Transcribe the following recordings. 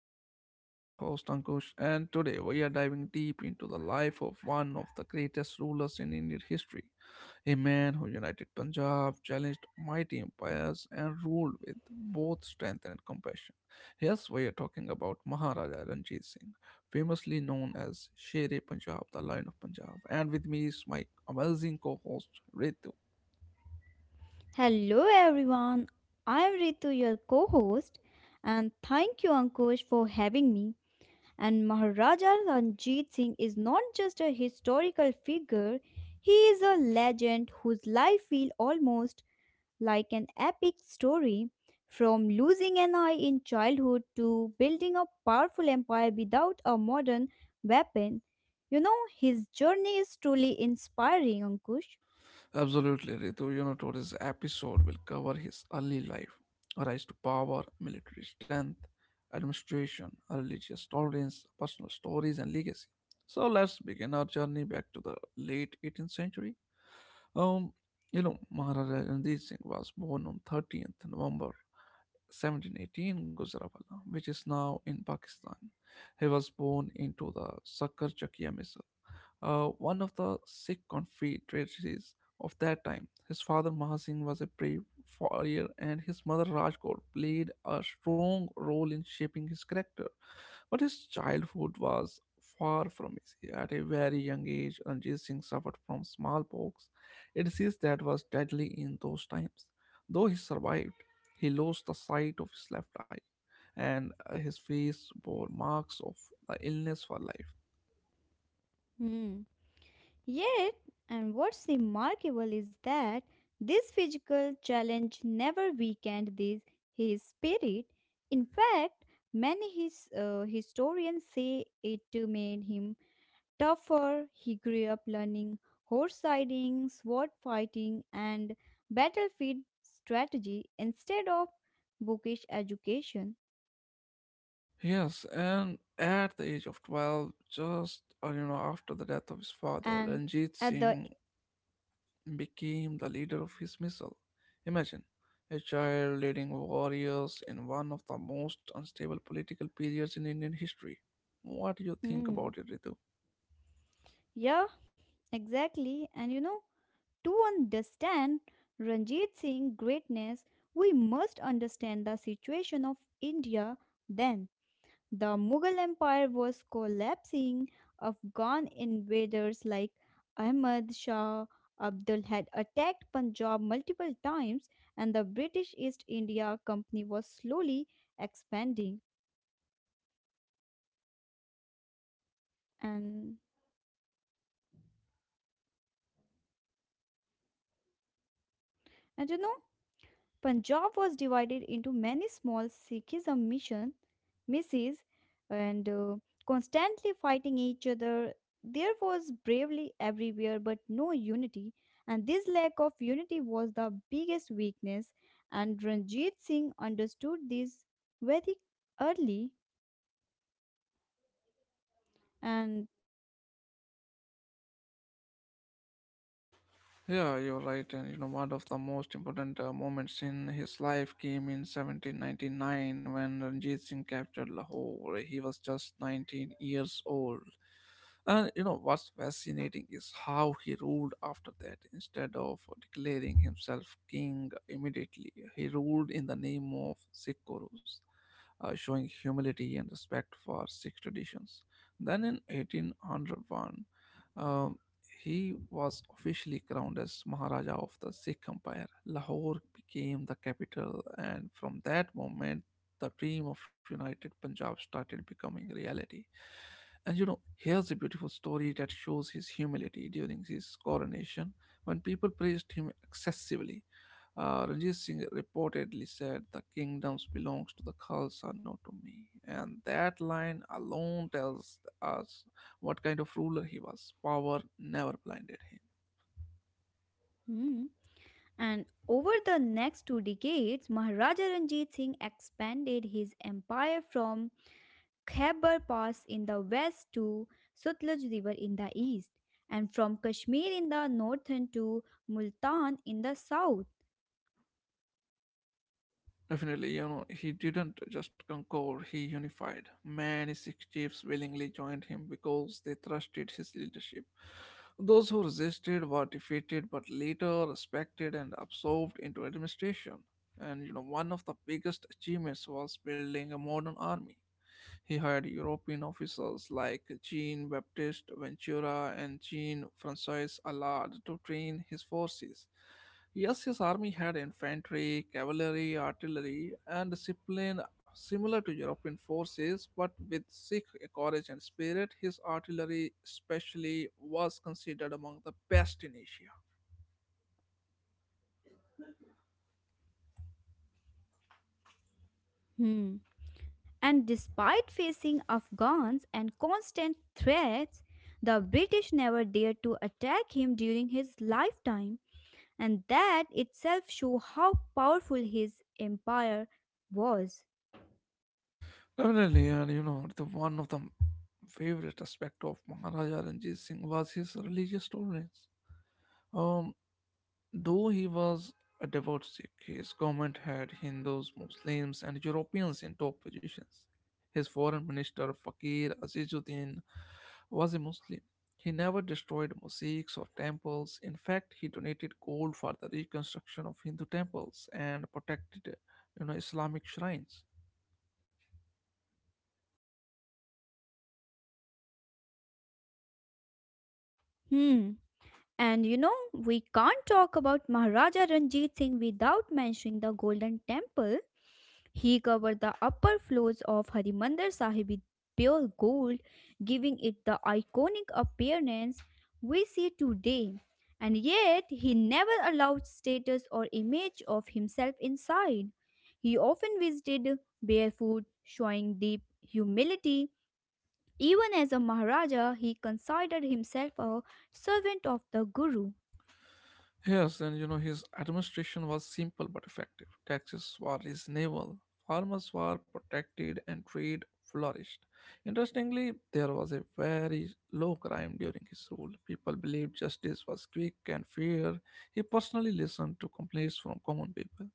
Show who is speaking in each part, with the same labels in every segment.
Speaker 1: podcast. I am your host Ankush, and today we are diving deep into the life of one of the greatest rulers in Indian history, a man who united Punjab, challenged mighty empires, and ruled with both strength and compassion. Yes, we are talking about Maharaja Ranjit Singh, famously known as Sher-e Punjab, the Lion of Punjab. And with me is my amazing co-host Ritu.
Speaker 2: Hello everyone, I am Ritu, your co host, and thank you Ankush for having me. And Maharaja Ranjit Singh is not just a historical figure, he is a legend whose life feels almost like an epic story. From losing an eye in childhood to building a powerful empire without a modern weapon. His journey is truly inspiring, Ankush.
Speaker 1: Absolutely, Ritu. You know, today's episode will cover his early life, rise to power, military strength, administration, religious tolerance, personal stories, and legacy. So let's begin our journey back to the late 18th century. Um, you know, Maharaja Ranjit Singh was born on 30th November 1718 Gujranwala, which is now in Pakistan. He was born into the Sakar Chakia Misal, one of the Sikh confederacies of that time. His father Mahasingh was a brave warrior, and his mother Rajkaur played a strong role in shaping his character. But his childhood was far from easy. At a very young age, Ranjit Singh suffered from smallpox, a disease that was deadly in those times. Though he survived, he lost the sight of his left eye, and his face bore marks of the illness for life.
Speaker 2: Hmm. Yet, and what's remarkable is that this physical challenge never weakened his spirit. In fact, many historians say it made him tougher. He grew up learning horse riding, sword fighting, and battlefield strategy instead of bookish education.
Speaker 1: Yes, and at the age of 12, just you know, after
Speaker 2: And
Speaker 1: the death of his
Speaker 2: at the
Speaker 1: father, Ranjit Singh became the leader of his missile. Imagine a child leading warriors in one of the most unstable political periods in Indian history. What do you think about
Speaker 2: mm,
Speaker 1: it, Ritu?
Speaker 2: Yeah, exactly. And to understand Ranjit Singh's greatness, we must understand the situation of India then. The Mughal Empire was collapsing, Afghan invaders like Ahmad Shah Abdul had attacked Punjab multiple times, and the British East India Company was slowly expanding. And, and Punjab was divided into many small Sikhism missions misses and constantly fighting each other. There was bravery everywhere, but no unity. And this lack of unity was the biggest weakness. And Ranjit Singh understood this very early. And
Speaker 1: Yeah, you're right. And you know, one of the most important moments in his life came in 1799 when Ranjit Singh captured Lahore. He was just 19 years old. And you know what's fascinating is how he ruled after that. Instead of declaring himself king immediately, he ruled in the name of Sikh gurus, showing humility and respect for Sikh traditions. Then in 1801, uh, he was officially crowned as Maharaja of the Sikh Empire. Lahore became the capital, and from that moment, the dream of United Punjab started becoming reality. And you know, here's a beautiful story that shows his humility during his coronation when people praised him excessively. Ranjit Singh reportedly said, the kingdoms belongs to the Khalsa, not to me. And that line alone tells us what kind of ruler he was. Power never blinded him.
Speaker 2: hmm, and over the next two decades, Maharaja Ranjit Singh expanded his empire from Khyber Pass in the west to Sutlej River in the east, and from Kashmir in the northern to Multan in the south.
Speaker 1: Definitely, you know, he didn't just conquer, he unified. Many Sikh chiefs willingly joined him because they trusted his leadership. Those who resisted were defeated but later respected and absorbed into administration. And you know, one of the biggest achievements was building a modern army. He hired European officers like Jean Baptiste Ventura and Jean Francois Allard to train his forces. Yes, his army had infantry, cavalry, artillery, and discipline similar to European forces, but with Sikh courage and spirit. His artillery, especially, was considered among the best in Asia.
Speaker 2: Hmm. And despite facing Afghans and constant threats, the British never dared to attack him during his lifetime, and that itself shows how powerful his empire was.
Speaker 1: Definitely, and you know, the one of the favorite aspect of Maharaja Ranjit Singh was his religious tolerance. Um, Though he was a devout Sikh, his government had Hindus, Muslims, and Europeans in top positions. His foreign minister Fakir Azizuddin was a Muslim. He never destroyed mosques or temples. In fact, he donated gold for the reconstruction of Hindu temples and protected, you know, Islamic shrines.
Speaker 2: Hmm. And we can't talk about Maharaja Ranjit Singh without mentioning the Golden Temple. He covered the upper floors of Harimandir Sahib with pure gold, giving it the iconic appearance we see today. And yet, he never allowed status or image of himself inside. He often visited barefoot, showing deep humility. Even as a Maharaja, he considered himself a servant of the Guru.
Speaker 1: Yes, and you know, his administration was simple but effective. Taxes were reasonable, farmers were protected, and trade flourished. Interestingly, there was a very low crime during his rule. People believed justice was quick and fair. He personally listened to complaints from common people.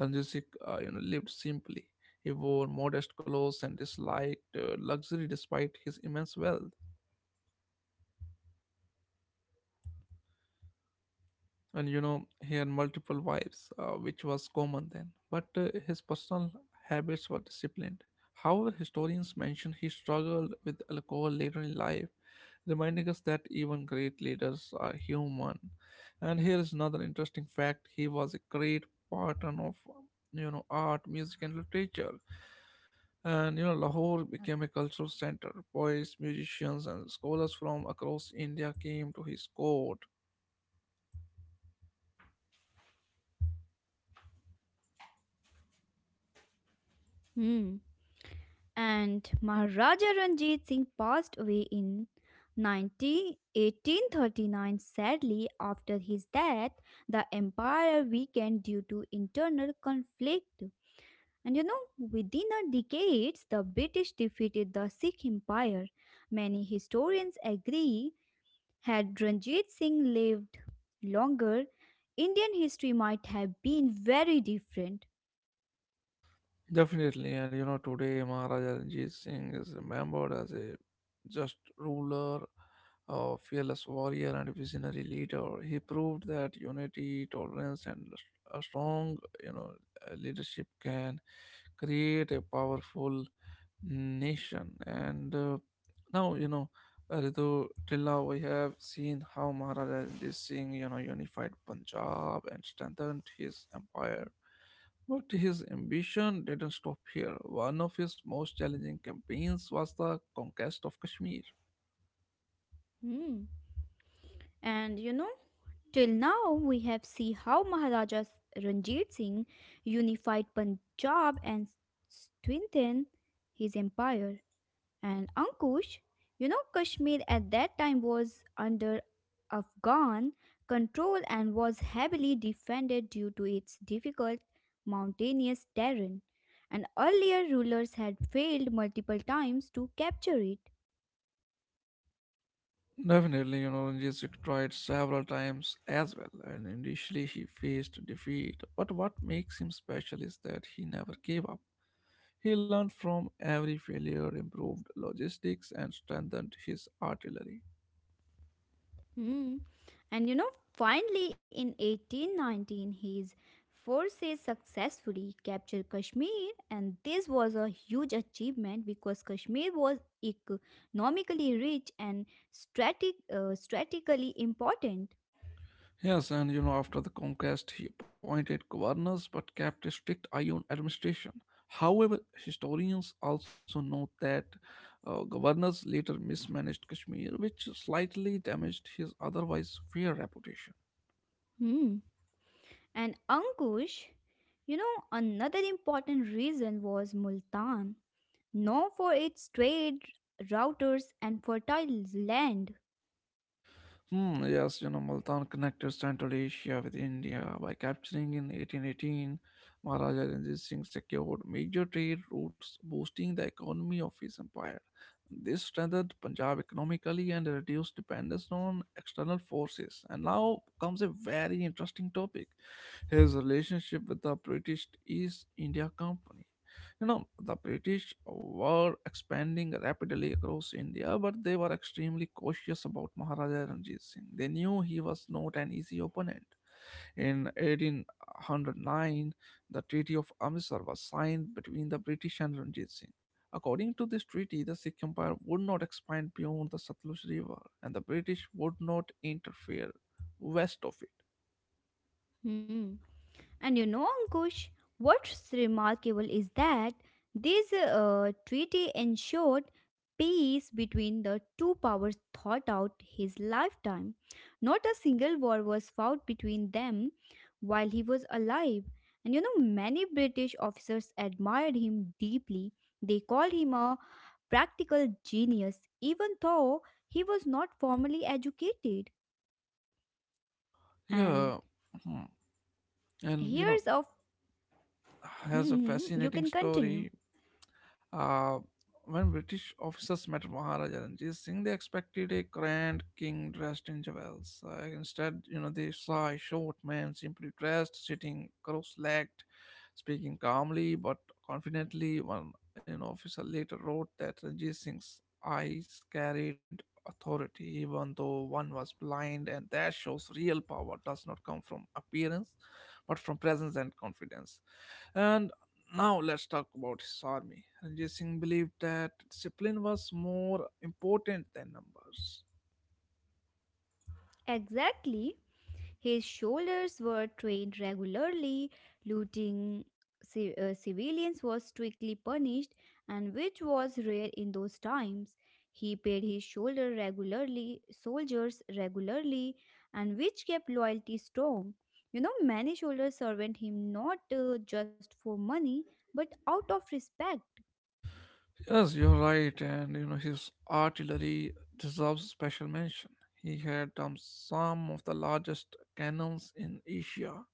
Speaker 1: Anjusic, you know, lived simply. He wore modest clothes and disliked luxury despite his immense wealth. And you know, he had multiple wives, which was common then, but his personal habits were disciplined. However, historians mention he struggled with alcohol later in life, reminding us that even great leaders are human. And here is another interesting fact: he was a great patron of, you know, art, music, and literature. And you know, Lahore became a cultural center. Poets, musicians, and scholars from across India came to his court.
Speaker 2: Hmm. And Maharaja Ranjit Singh passed away in 19 1839. Sadly, after his death, the empire weakened due to internal conflict, and within a decade, the British defeated the Sikh Empire. Many historians agree, had Ranjit Singh lived longer, Indian history might have been very different.
Speaker 1: Definitely, and you know, today Maharaja Ranjit Singh is remembered as a just ruler, a fearless warrior, and visionary leader. He proved that unity, tolerance, and a strong, you know, leadership can create a powerful nation. And now, you know, although till now we have seen how Maharaja Singh, you know, unified Punjab and strengthened his empire. But his ambition didn't stop here. One of his most challenging campaigns was the conquest of Kashmir.
Speaker 2: Hmm. And till now, we have seen how Maharaja Ranjit Singh unified Punjab and strengthened his empire. And Ankush, Kashmir at that time was under Afghan control and was heavily defended due to its difficult mountainous terrain. And earlier rulers had failed multiple times to capture it.
Speaker 1: Definitely, you know, Ranjit Singh tried several times as well, and initially he faced defeat. But what makes him special is that he never gave up. He learned from every failure, improved logistics, and strengthened his artillery.
Speaker 2: Hmm. And finally in 1819, his forces successfully captured Kashmir, and this was a huge achievement because Kashmir was economically rich and strategically important.
Speaker 1: Yes, and you know, after the conquest, he appointed governors but kept a strict eye on administration. However, historians also note that governors later mismanaged Kashmir, which slightly damaged his otherwise fair reputation.
Speaker 2: Hmm. And Ankush, another important reason was Multan, known for its trade routers and fertile land.
Speaker 1: Hmm, yes, you know, Multan connected Central Asia with India. By capturing in 1818, Maharaja Ranjit Singh secured major trade routes, boosting the economy of his empire. This strengthened Punjab economically and reduced dependence on external forces. And now comes a very interesting topic: his relationship with the British East India Company. You know, the British were expanding rapidly across India, but they were extremely cautious about Maharaja Ranjit Singh. They knew he was not an easy opponent. In 1809, the Treaty of Amritsar was signed between the British and Ranjit Singh. According to this treaty, the Sikh Empire would not expand beyond the Satluj River, and the British would not interfere west of it.
Speaker 2: Hmm. And Ankush, what's remarkable is that this treaty ensured peace between the two powers thought out his lifetime. Not a single war was fought between them while he was alive. And many British officers admired him deeply. They called him a practical genius, even though he was not formally educated. And
Speaker 1: Yeah. Hmm. And you know,
Speaker 2: here's of,
Speaker 1: has a
Speaker 2: you
Speaker 1: fascinating
Speaker 2: can continue.
Speaker 1: story. Uh, when British officers met Maharaja Ranjit Singh, they expected a grand king dressed in jewels. Instead, you know, they saw a short man simply dressed, sitting cross-legged, speaking calmly but confidently. One, you know, officer later wrote that Ranjit Singh's eyes carried authority, even though one was blind, and that shows real power does not come from appearance, but from presence and confidence. And now let's talk about his army. Ranjit Singh believed that discipline was more important than numbers.
Speaker 2: Exactly. His soldiers were trained regularly, looting civilians was strictly punished, and which was rare in those times. He paid his soldiers regularly, and which kept loyalty strong. Many soldiers served him not just for money, but out of respect.
Speaker 1: Yes, you're right, and you know, his artillery deserves special mention. He had, some of the largest cannons in Asia,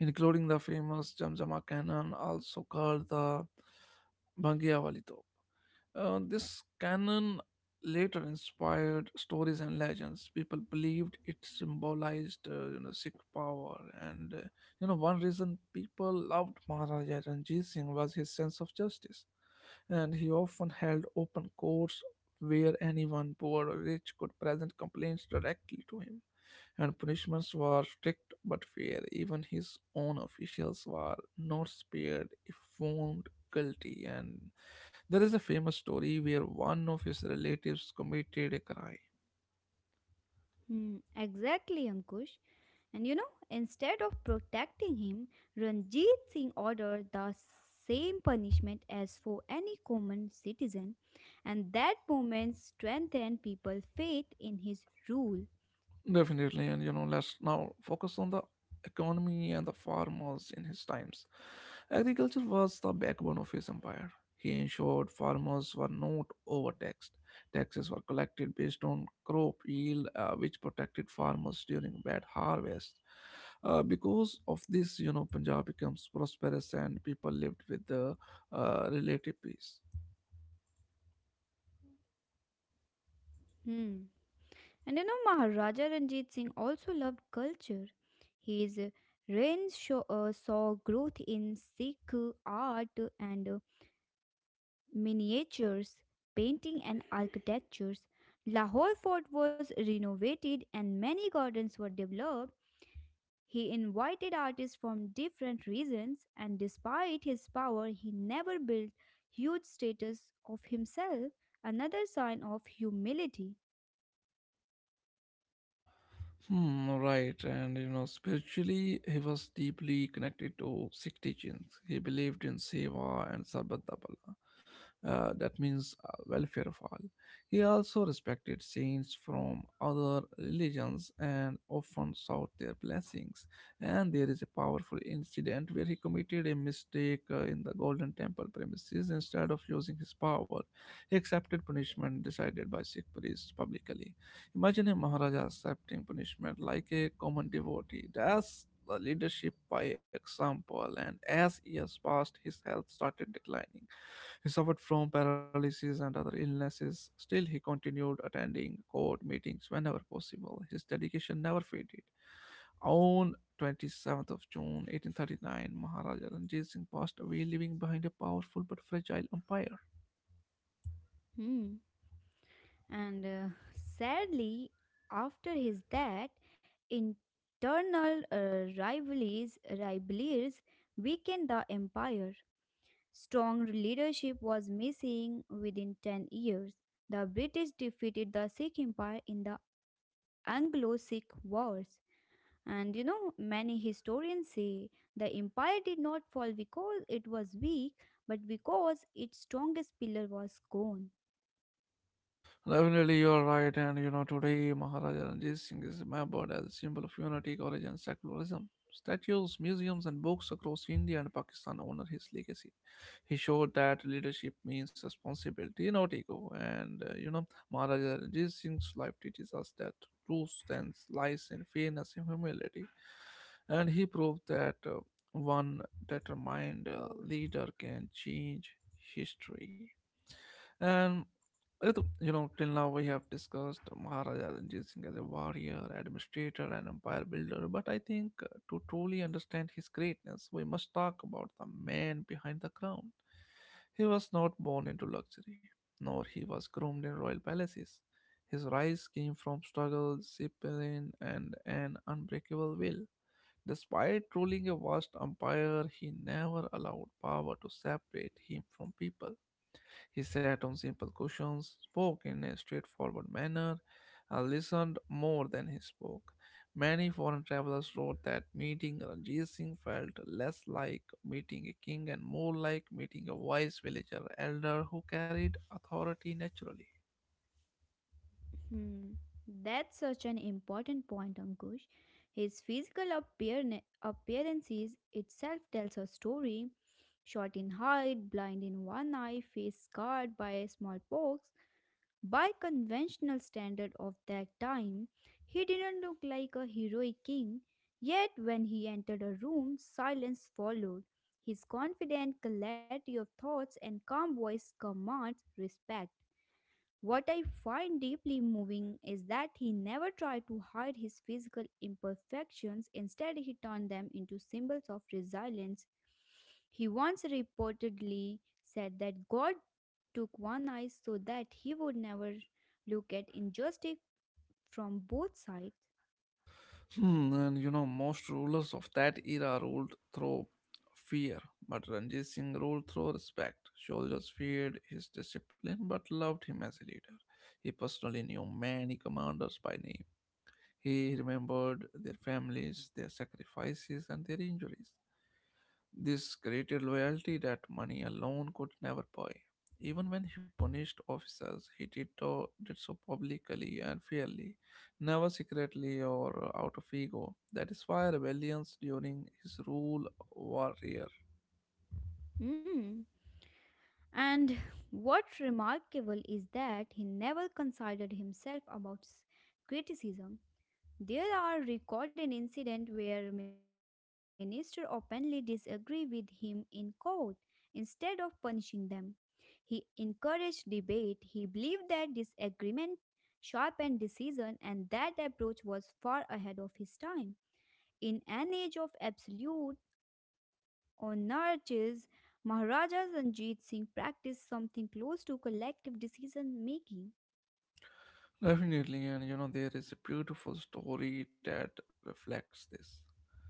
Speaker 1: including the famous Jamjama cannon, also called the Bangiawali. This canon later inspired stories and legends. People believed it symbolized, you know, Sikh power. And you know, one reason people loved Maharaja Ranjit Singh was his sense of justice, and he often held open courts where anyone, poor or rich, could present complaints directly to him. And punishments were strict but fair. Even his own officials were not spared if found guilty. And there is a famous story where one of his relatives committed a crime.
Speaker 2: Hmm, exactly, Ankush. And instead of protecting him, Ranjit Singh ordered the same punishment as for any common citizen, and that moment strengthened people's faith in his rule.
Speaker 1: Definitely, and you know, let's now focus on the economy and the farmers in his times. Agriculture was the backbone of his empire. He ensured farmers were not overtaxed. Taxes were collected based on crop yield, which protected farmers during bad harvests. Because of this, you know, Punjab becomes prosperous and people lived with the relative peace.
Speaker 2: Hmm. And Maharaja Ranjit Singh also loved culture. His reign saw growth in Sikh art and miniatures, painting, and architectures. Lahore Fort was renovated and many gardens were developed. He invited artists from different regions, and despite his power, he never built huge status of himself, another sign of humility.
Speaker 1: Hmm, right, and you know, spiritually, he was deeply connected to Sikh teachings. He believed in seva and sarbat da bhala. That means welfare of all. He also respected saints from other religions and often sought their blessings. And there is a powerful incident where he committed a mistake in the Golden Temple premises. Instead of using his power, he accepted punishment decided by Sikh priests publicly. Imagine a Maharaja accepting punishment like a common devotee. That's the leadership by example. And as years passed, his health started declining. He suffered from paralysis and other illnesses. Still, he continued attending court meetings whenever possible. His dedication never faded. On 27th of June 1839, Maharaja Ranjit Singh passed away, leaving behind a powerful but fragile empire.
Speaker 2: Hmm. And sadly, after his death, internal rivalries weakened the empire. Strong leadership was missing within 10 years. The British defeated the Sikh Empire in the Anglo Sikh Wars. And many historians say the empire did not fall because it was weak, but because its strongest pillar was gone.
Speaker 1: Definitely, you are right. And you know, today Maharaja Ranjit Singh is remembered as a symbol of unity, courage, and secularism. Statues, museums, and books across India and Pakistan honor his legacy. He showed that leadership means responsibility, not ego. And you know, Maharaja Ranjit Singh's life teaches us that truth stands, lies in fairness and humility. And he proved that one determined leader can change history. And Ritu, you know, till now we have discussed Maharaja Ranjit Singh as a warrior, administrator, and empire builder. But I think to truly understand his greatness, we must talk about the man behind the crown. He was not born into luxury, nor he was groomed in royal palaces. His rise came from struggle, discipline, and an unbreakable will. Despite ruling a vast empire, he never allowed power to separate him from people. He sat on simple cushions, spoke in a straightforward manner, and listened more than he spoke. Many foreign travelers wrote that meeting Ranjit Singh felt less like meeting a king and more like meeting a wise villager elder who carried authority naturally.
Speaker 2: Hmm. That's such an important point, Ankush. His physical appearances itself tells a story. Short in height, blind in one eye, face scarred by smallpox. By conventional standard of that time, he didn't look like a heroic king. Yet when he entered a room, silence followed. His confident clarity of thoughts and calm voice commands respect. What I find deeply moving is that he never tried to hide his physical imperfections. Instead, he turned them into symbols of resilience. He once reportedly said that God took one eye so that he would never look at injustice from both sides.
Speaker 1: Hmm, and you know, most rulers of that era ruled through fear, but Ranjit Singh ruled through respect. Soldiers feared his discipline but loved him as a leader. He personally knew many commanders by name. He remembered their families, their sacrifices, and their injuries. This created loyalty that money alone could never buy. Even when he punished officers, he did so publicly and fairly, never secretly or out of ego. That is why rebellions during his rule were rare.
Speaker 2: Mm. And what remarkable is that he never considered himself about criticism. There are recorded incidents where minister openly disagree with him in court. Instead of punishing them, he encouraged debate. He believed that disagreement sharpened decision and that approach was far ahead of his time. In an age of absolute monarchies, Maharaja Ranjit Singh practiced something close to collective decision making.
Speaker 1: Definitely, and you know, there is a beautiful story that reflects this.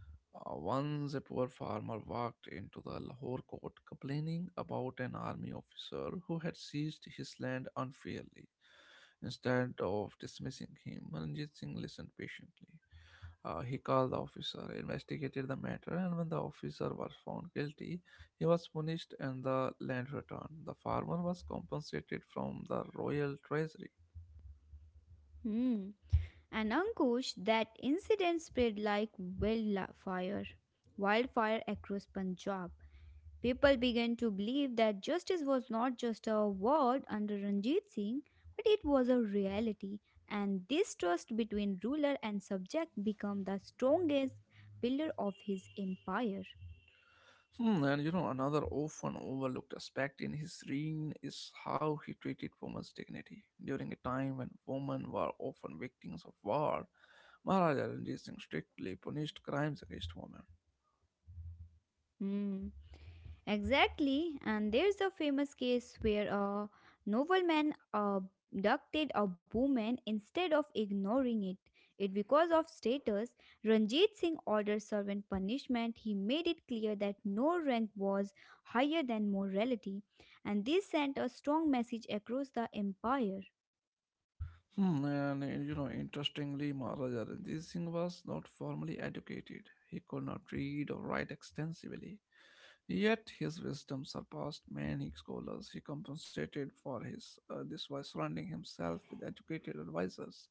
Speaker 1: Once a poor farmer walked into the Lahore court complaining about an army officer who had seized his land unfairly. Instead of dismissing him, Ranjit Singh listened patiently. He called the officer, investigated the matter, and when the officer was found guilty, he was punished and the land returned. The farmer was compensated from the royal treasury.
Speaker 2: Hmm. And Ankush, that incident spread like wildfire across Punjab. People began to believe that justice was not just a word under Ranjit Singh, but it was a reality, and this trust between ruler and subject became the strongest pillar of his empire.
Speaker 1: Hmm, and you know, another often overlooked aspect in his reign is how he treated women's dignity. During a time when women were often victims of war, Maharaja Ranjit Singh strictly punished crimes against women.
Speaker 2: Hmm. Exactly, and there's a famous case where a nobleman abducted a woman instead of ignoring it. It because of status, Ranjit Singh ordered servant punishment. He made it clear that no rank was higher than morality, and this sent a strong message across the empire.
Speaker 1: Hmm, and you know, interestingly, Maharaja Ranjit Singh was not formally educated. He could not read or write extensively, yet his wisdom surpassed many scholars. He compensated for his this by surrounding himself with educated advisors.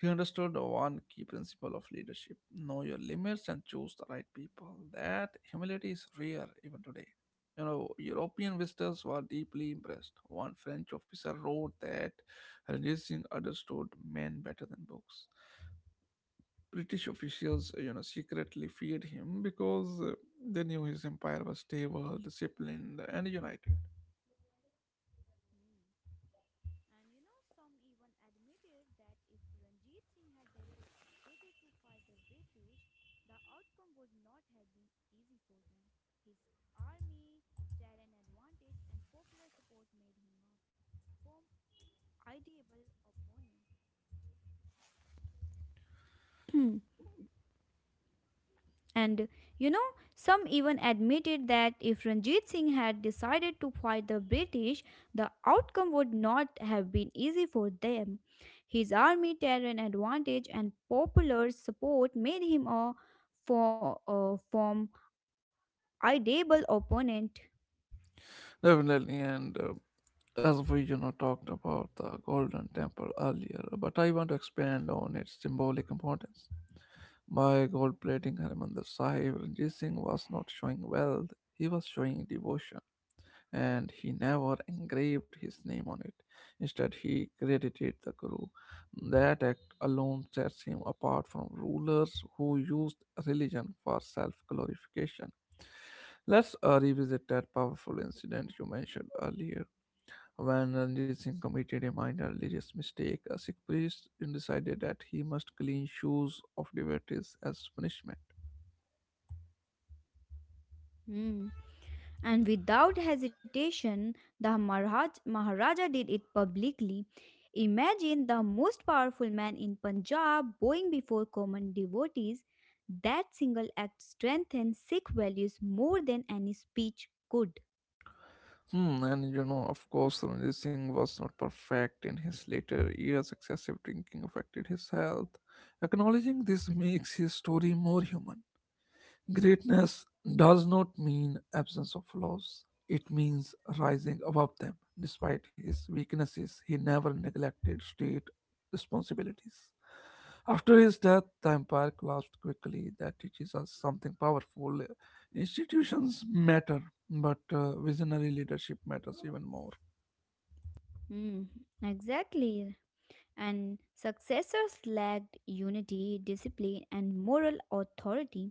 Speaker 1: He understood one key principle of leadership: know your limits and choose the right people. That humility is rare even today. You know, European visitors were deeply impressed. One French officer wrote that religion understood men better than books. British officials, you know, secretly feared him because they knew his empire was stable, disciplined, and united.
Speaker 2: And some even admitted that if Ranjit Singh had dedicated to fight the British, the outcome would not have been easy for them. His army, terrain advantage, and popular support made him a firm, ideable opponent. And you know, some even admitted that if Ranjit Singh had decided to fight the British, the outcome would not have been easy for them. His army, terrain advantage, and popular support made him a formidable opponent.
Speaker 1: Definitely, and as we, you know, talked about the Golden Temple earlier, but I want to expand on its symbolic importance. By gold plating Harmandir Sahib, Ranjit Singh was not showing wealth; he was showing devotion. And he never engraved his name on it. Instead, he credited the Guru. That act alone sets him apart from rulers who used religion for self glorification. Let's revisit that powerful incident you mentioned earlier. When Ranjit Singh committed a minor religious mistake, a Sikh priest decided that he must clean shoes of devotees as punishment.
Speaker 2: Hmm. And without hesitation, the Maharaja did it publicly. Imagine the most powerful man in Punjab bowing before common devotees. That single act strengthened Sikh values more than any speech could.
Speaker 1: Hmm, and you know, of course, Ranjit Singh was not perfect. In his later years, excessive drinking affected his health. Acknowledging this makes his story more human. Greatness does not mean absence of flaws. It means rising above them. Despite his weaknesses, he never neglected state responsibilities. After his death, the empire collapsed quickly. That teaches us something powerful. Institutions matter, but visionary leadership matters even more.
Speaker 2: Hmm, exactly. And successors lacked unity, discipline, and moral authority.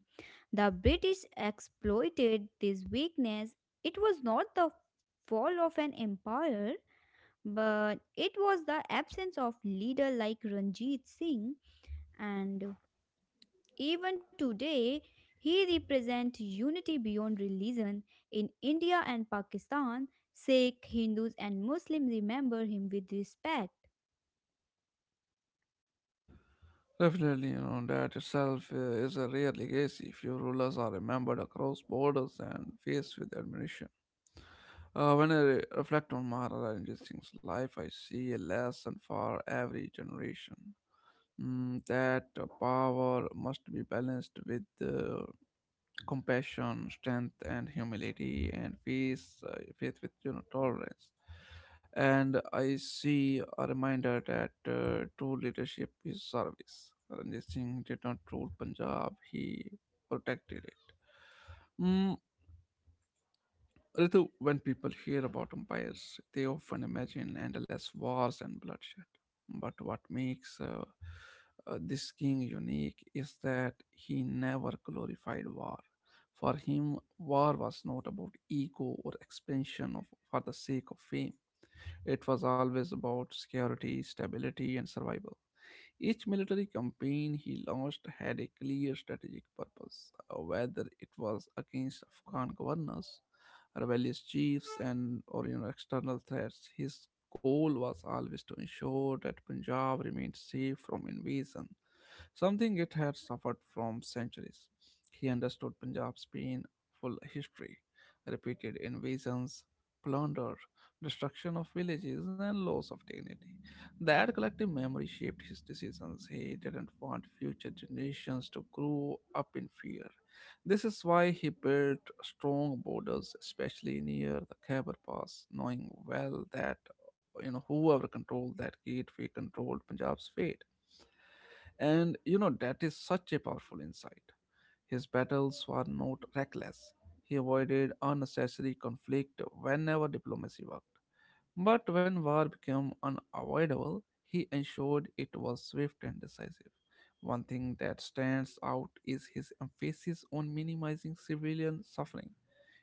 Speaker 2: The British exploited this weakness. It was not the fall of an empire, but it was the absence of leader like Ranjit Singh, and even today, he represents unity beyond religion in India and Pakistan. Sikh, Hindus, and Muslims remember him with respect.
Speaker 1: Definitely, you know, that itself is a rare legacy. Few rulers are remembered across borders and faced with admiration. When I reflect on Maharaj Ranjit Singh's life, I see a lesson for every generation. Mm, that power must be balanced with compassion, strength, and humility, and faith with you know tolerance. And I see a reminder that true leadership is service. Ranjit Singh did not rule Punjab; he protected it. Mm, Ritu, when people hear about empires, they often imagine endless wars and bloodshed. But what makes this king unique is that he never glorified war. For him, war was not about ego or expansion of, for the sake of fame. It was always about security, stability, and survival. Each military campaign he launched had a clear strategic purpose, whether it was against Afghan governors, rebellious chiefs, and or you know, external threats. His goal was always to ensure that Punjab remained safe from invasion, something it had suffered from centuries. He understood Punjab's painful history, repeated invasions, plunder, destruction of villages, and loss of dignity. That collective memory shaped his decisions. He didn't want future generations to grow up in fear. This is why he built strong borders, especially near the Khyber Pass, knowing well that you know whoever controlled that gateway controlled Punjab's fate. And you know, that is such a powerful insight. His battles were not reckless. He avoided unnecessary conflict whenever diplomacy worked. But when war became unavoidable, he ensured it was swift and decisive. One thing that stands out is his emphasis on minimizing civilian suffering.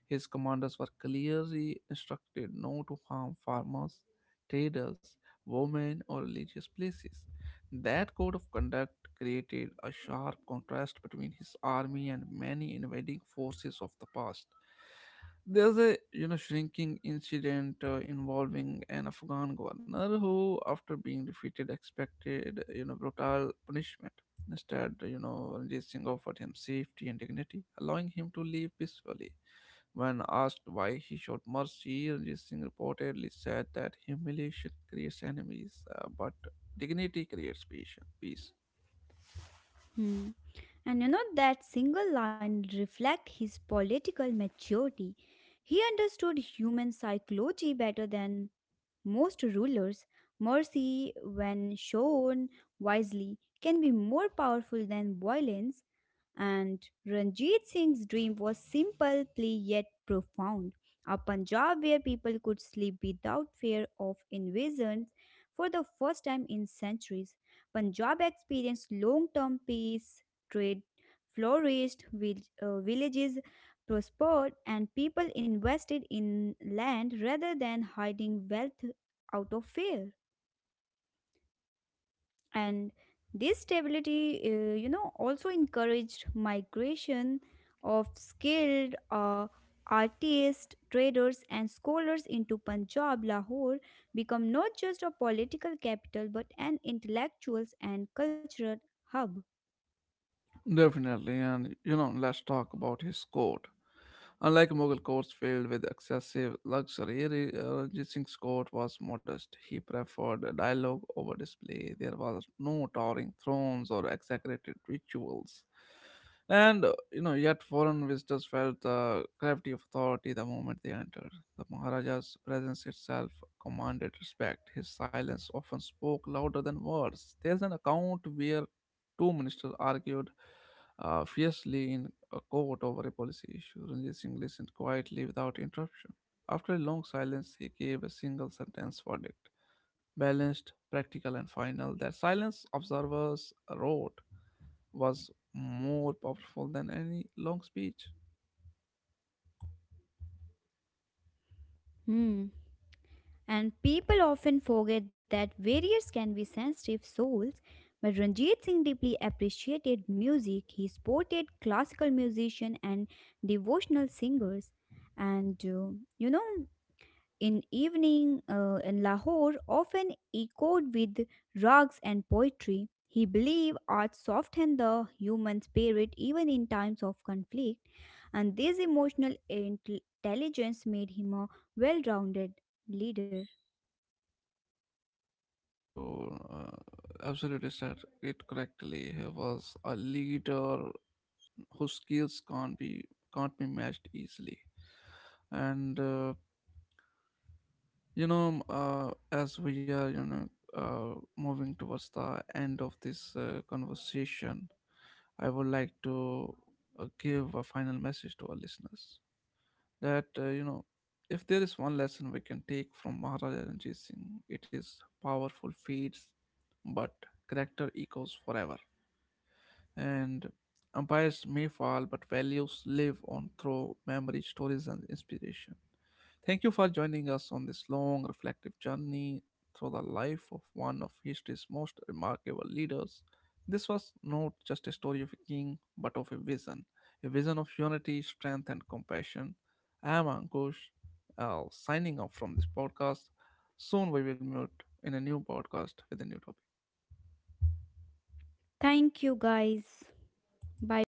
Speaker 1: His commanders were clearly instructed not to harm farmers, traders, women, or religious places. That code of conduct created a sharp contrast between his army and many invading forces of the past. There's a you know shrinking incident involving an Afghan governor who, after being defeated, expected you know brutal punishment. Instead, you know Ranjit Singh offered him safety and dignity, allowing him to leave peacefully. When asked why he showed mercy, Ranjit Singh reportedly said that humiliation creates enemies, but dignity creates peace. Peace,
Speaker 2: Hmm. And that single line reflects his political maturity. He understood human psychology better than most rulers' mercy, when shown wisely, can be more powerful than violence. And Ranjit Singh's dream was simple plea yet profound, a Punjab where people could sleep without fear of invasions for the first time in centuries. Punjab experienced long term peace, trade flourished, villages prospered, and people invested in land rather than hiding wealth out of fear. And this stability also encouraged migration of skilled artists, traders, and scholars into Punjab. Lahore become not just a political capital but an intellectuals and cultural hub.
Speaker 1: definitely. And you know, let's talk about his court. Unlike Mughal courts filled with excessive luxury, Ranjit Singh's court was modest. He preferred dialogue over display. There was no towering thrones or exaggerated rituals. And you know, yet foreign visitors felt the gravity of authority the moment they entered. The Maharaja's presence itself commanded respect. His silence often spoke louder than words. There's an account where two ministers argued fiercely in a court over a policy issue. Ranjit Singh listened quietly without interruption. After a long silence, he gave a single sentence verdict, balanced, practical, and final. That silence, observers wrote, was more powerful than any long speech.
Speaker 2: Hmm. And people often forget that warriors can be sensitive souls. But Ranjit Singh deeply appreciated music. He supported classical musicians and devotional singers. And you know, in evening In Lahore, often echoed with rags and poetry. He believed art softened the human spirit even in times of conflict, and this emotional intelligence made him a well-rounded leader.
Speaker 1: You absolutely said it correctly. He was a leader whose skills can't be matched easily, and as we are moving towards the end of this conversation, I would like to give a final message to our listeners that you know, if there is one lesson we can take from Maharaja Ranjit Singh, it is powerful fades but character echoes forever, and empires may fall but values live on through memory, stories, and inspiration. Thank you for joining us on this long, reflective journey through the life of one of history's most remarkable leaders. This was not just a story of a king, but of a vision, a vision of unity, strength, and compassion. I am Ankush, signing off from this podcast. Soon we will meet in a new podcast with a new topic.
Speaker 2: Thank you, guys. Bye bye.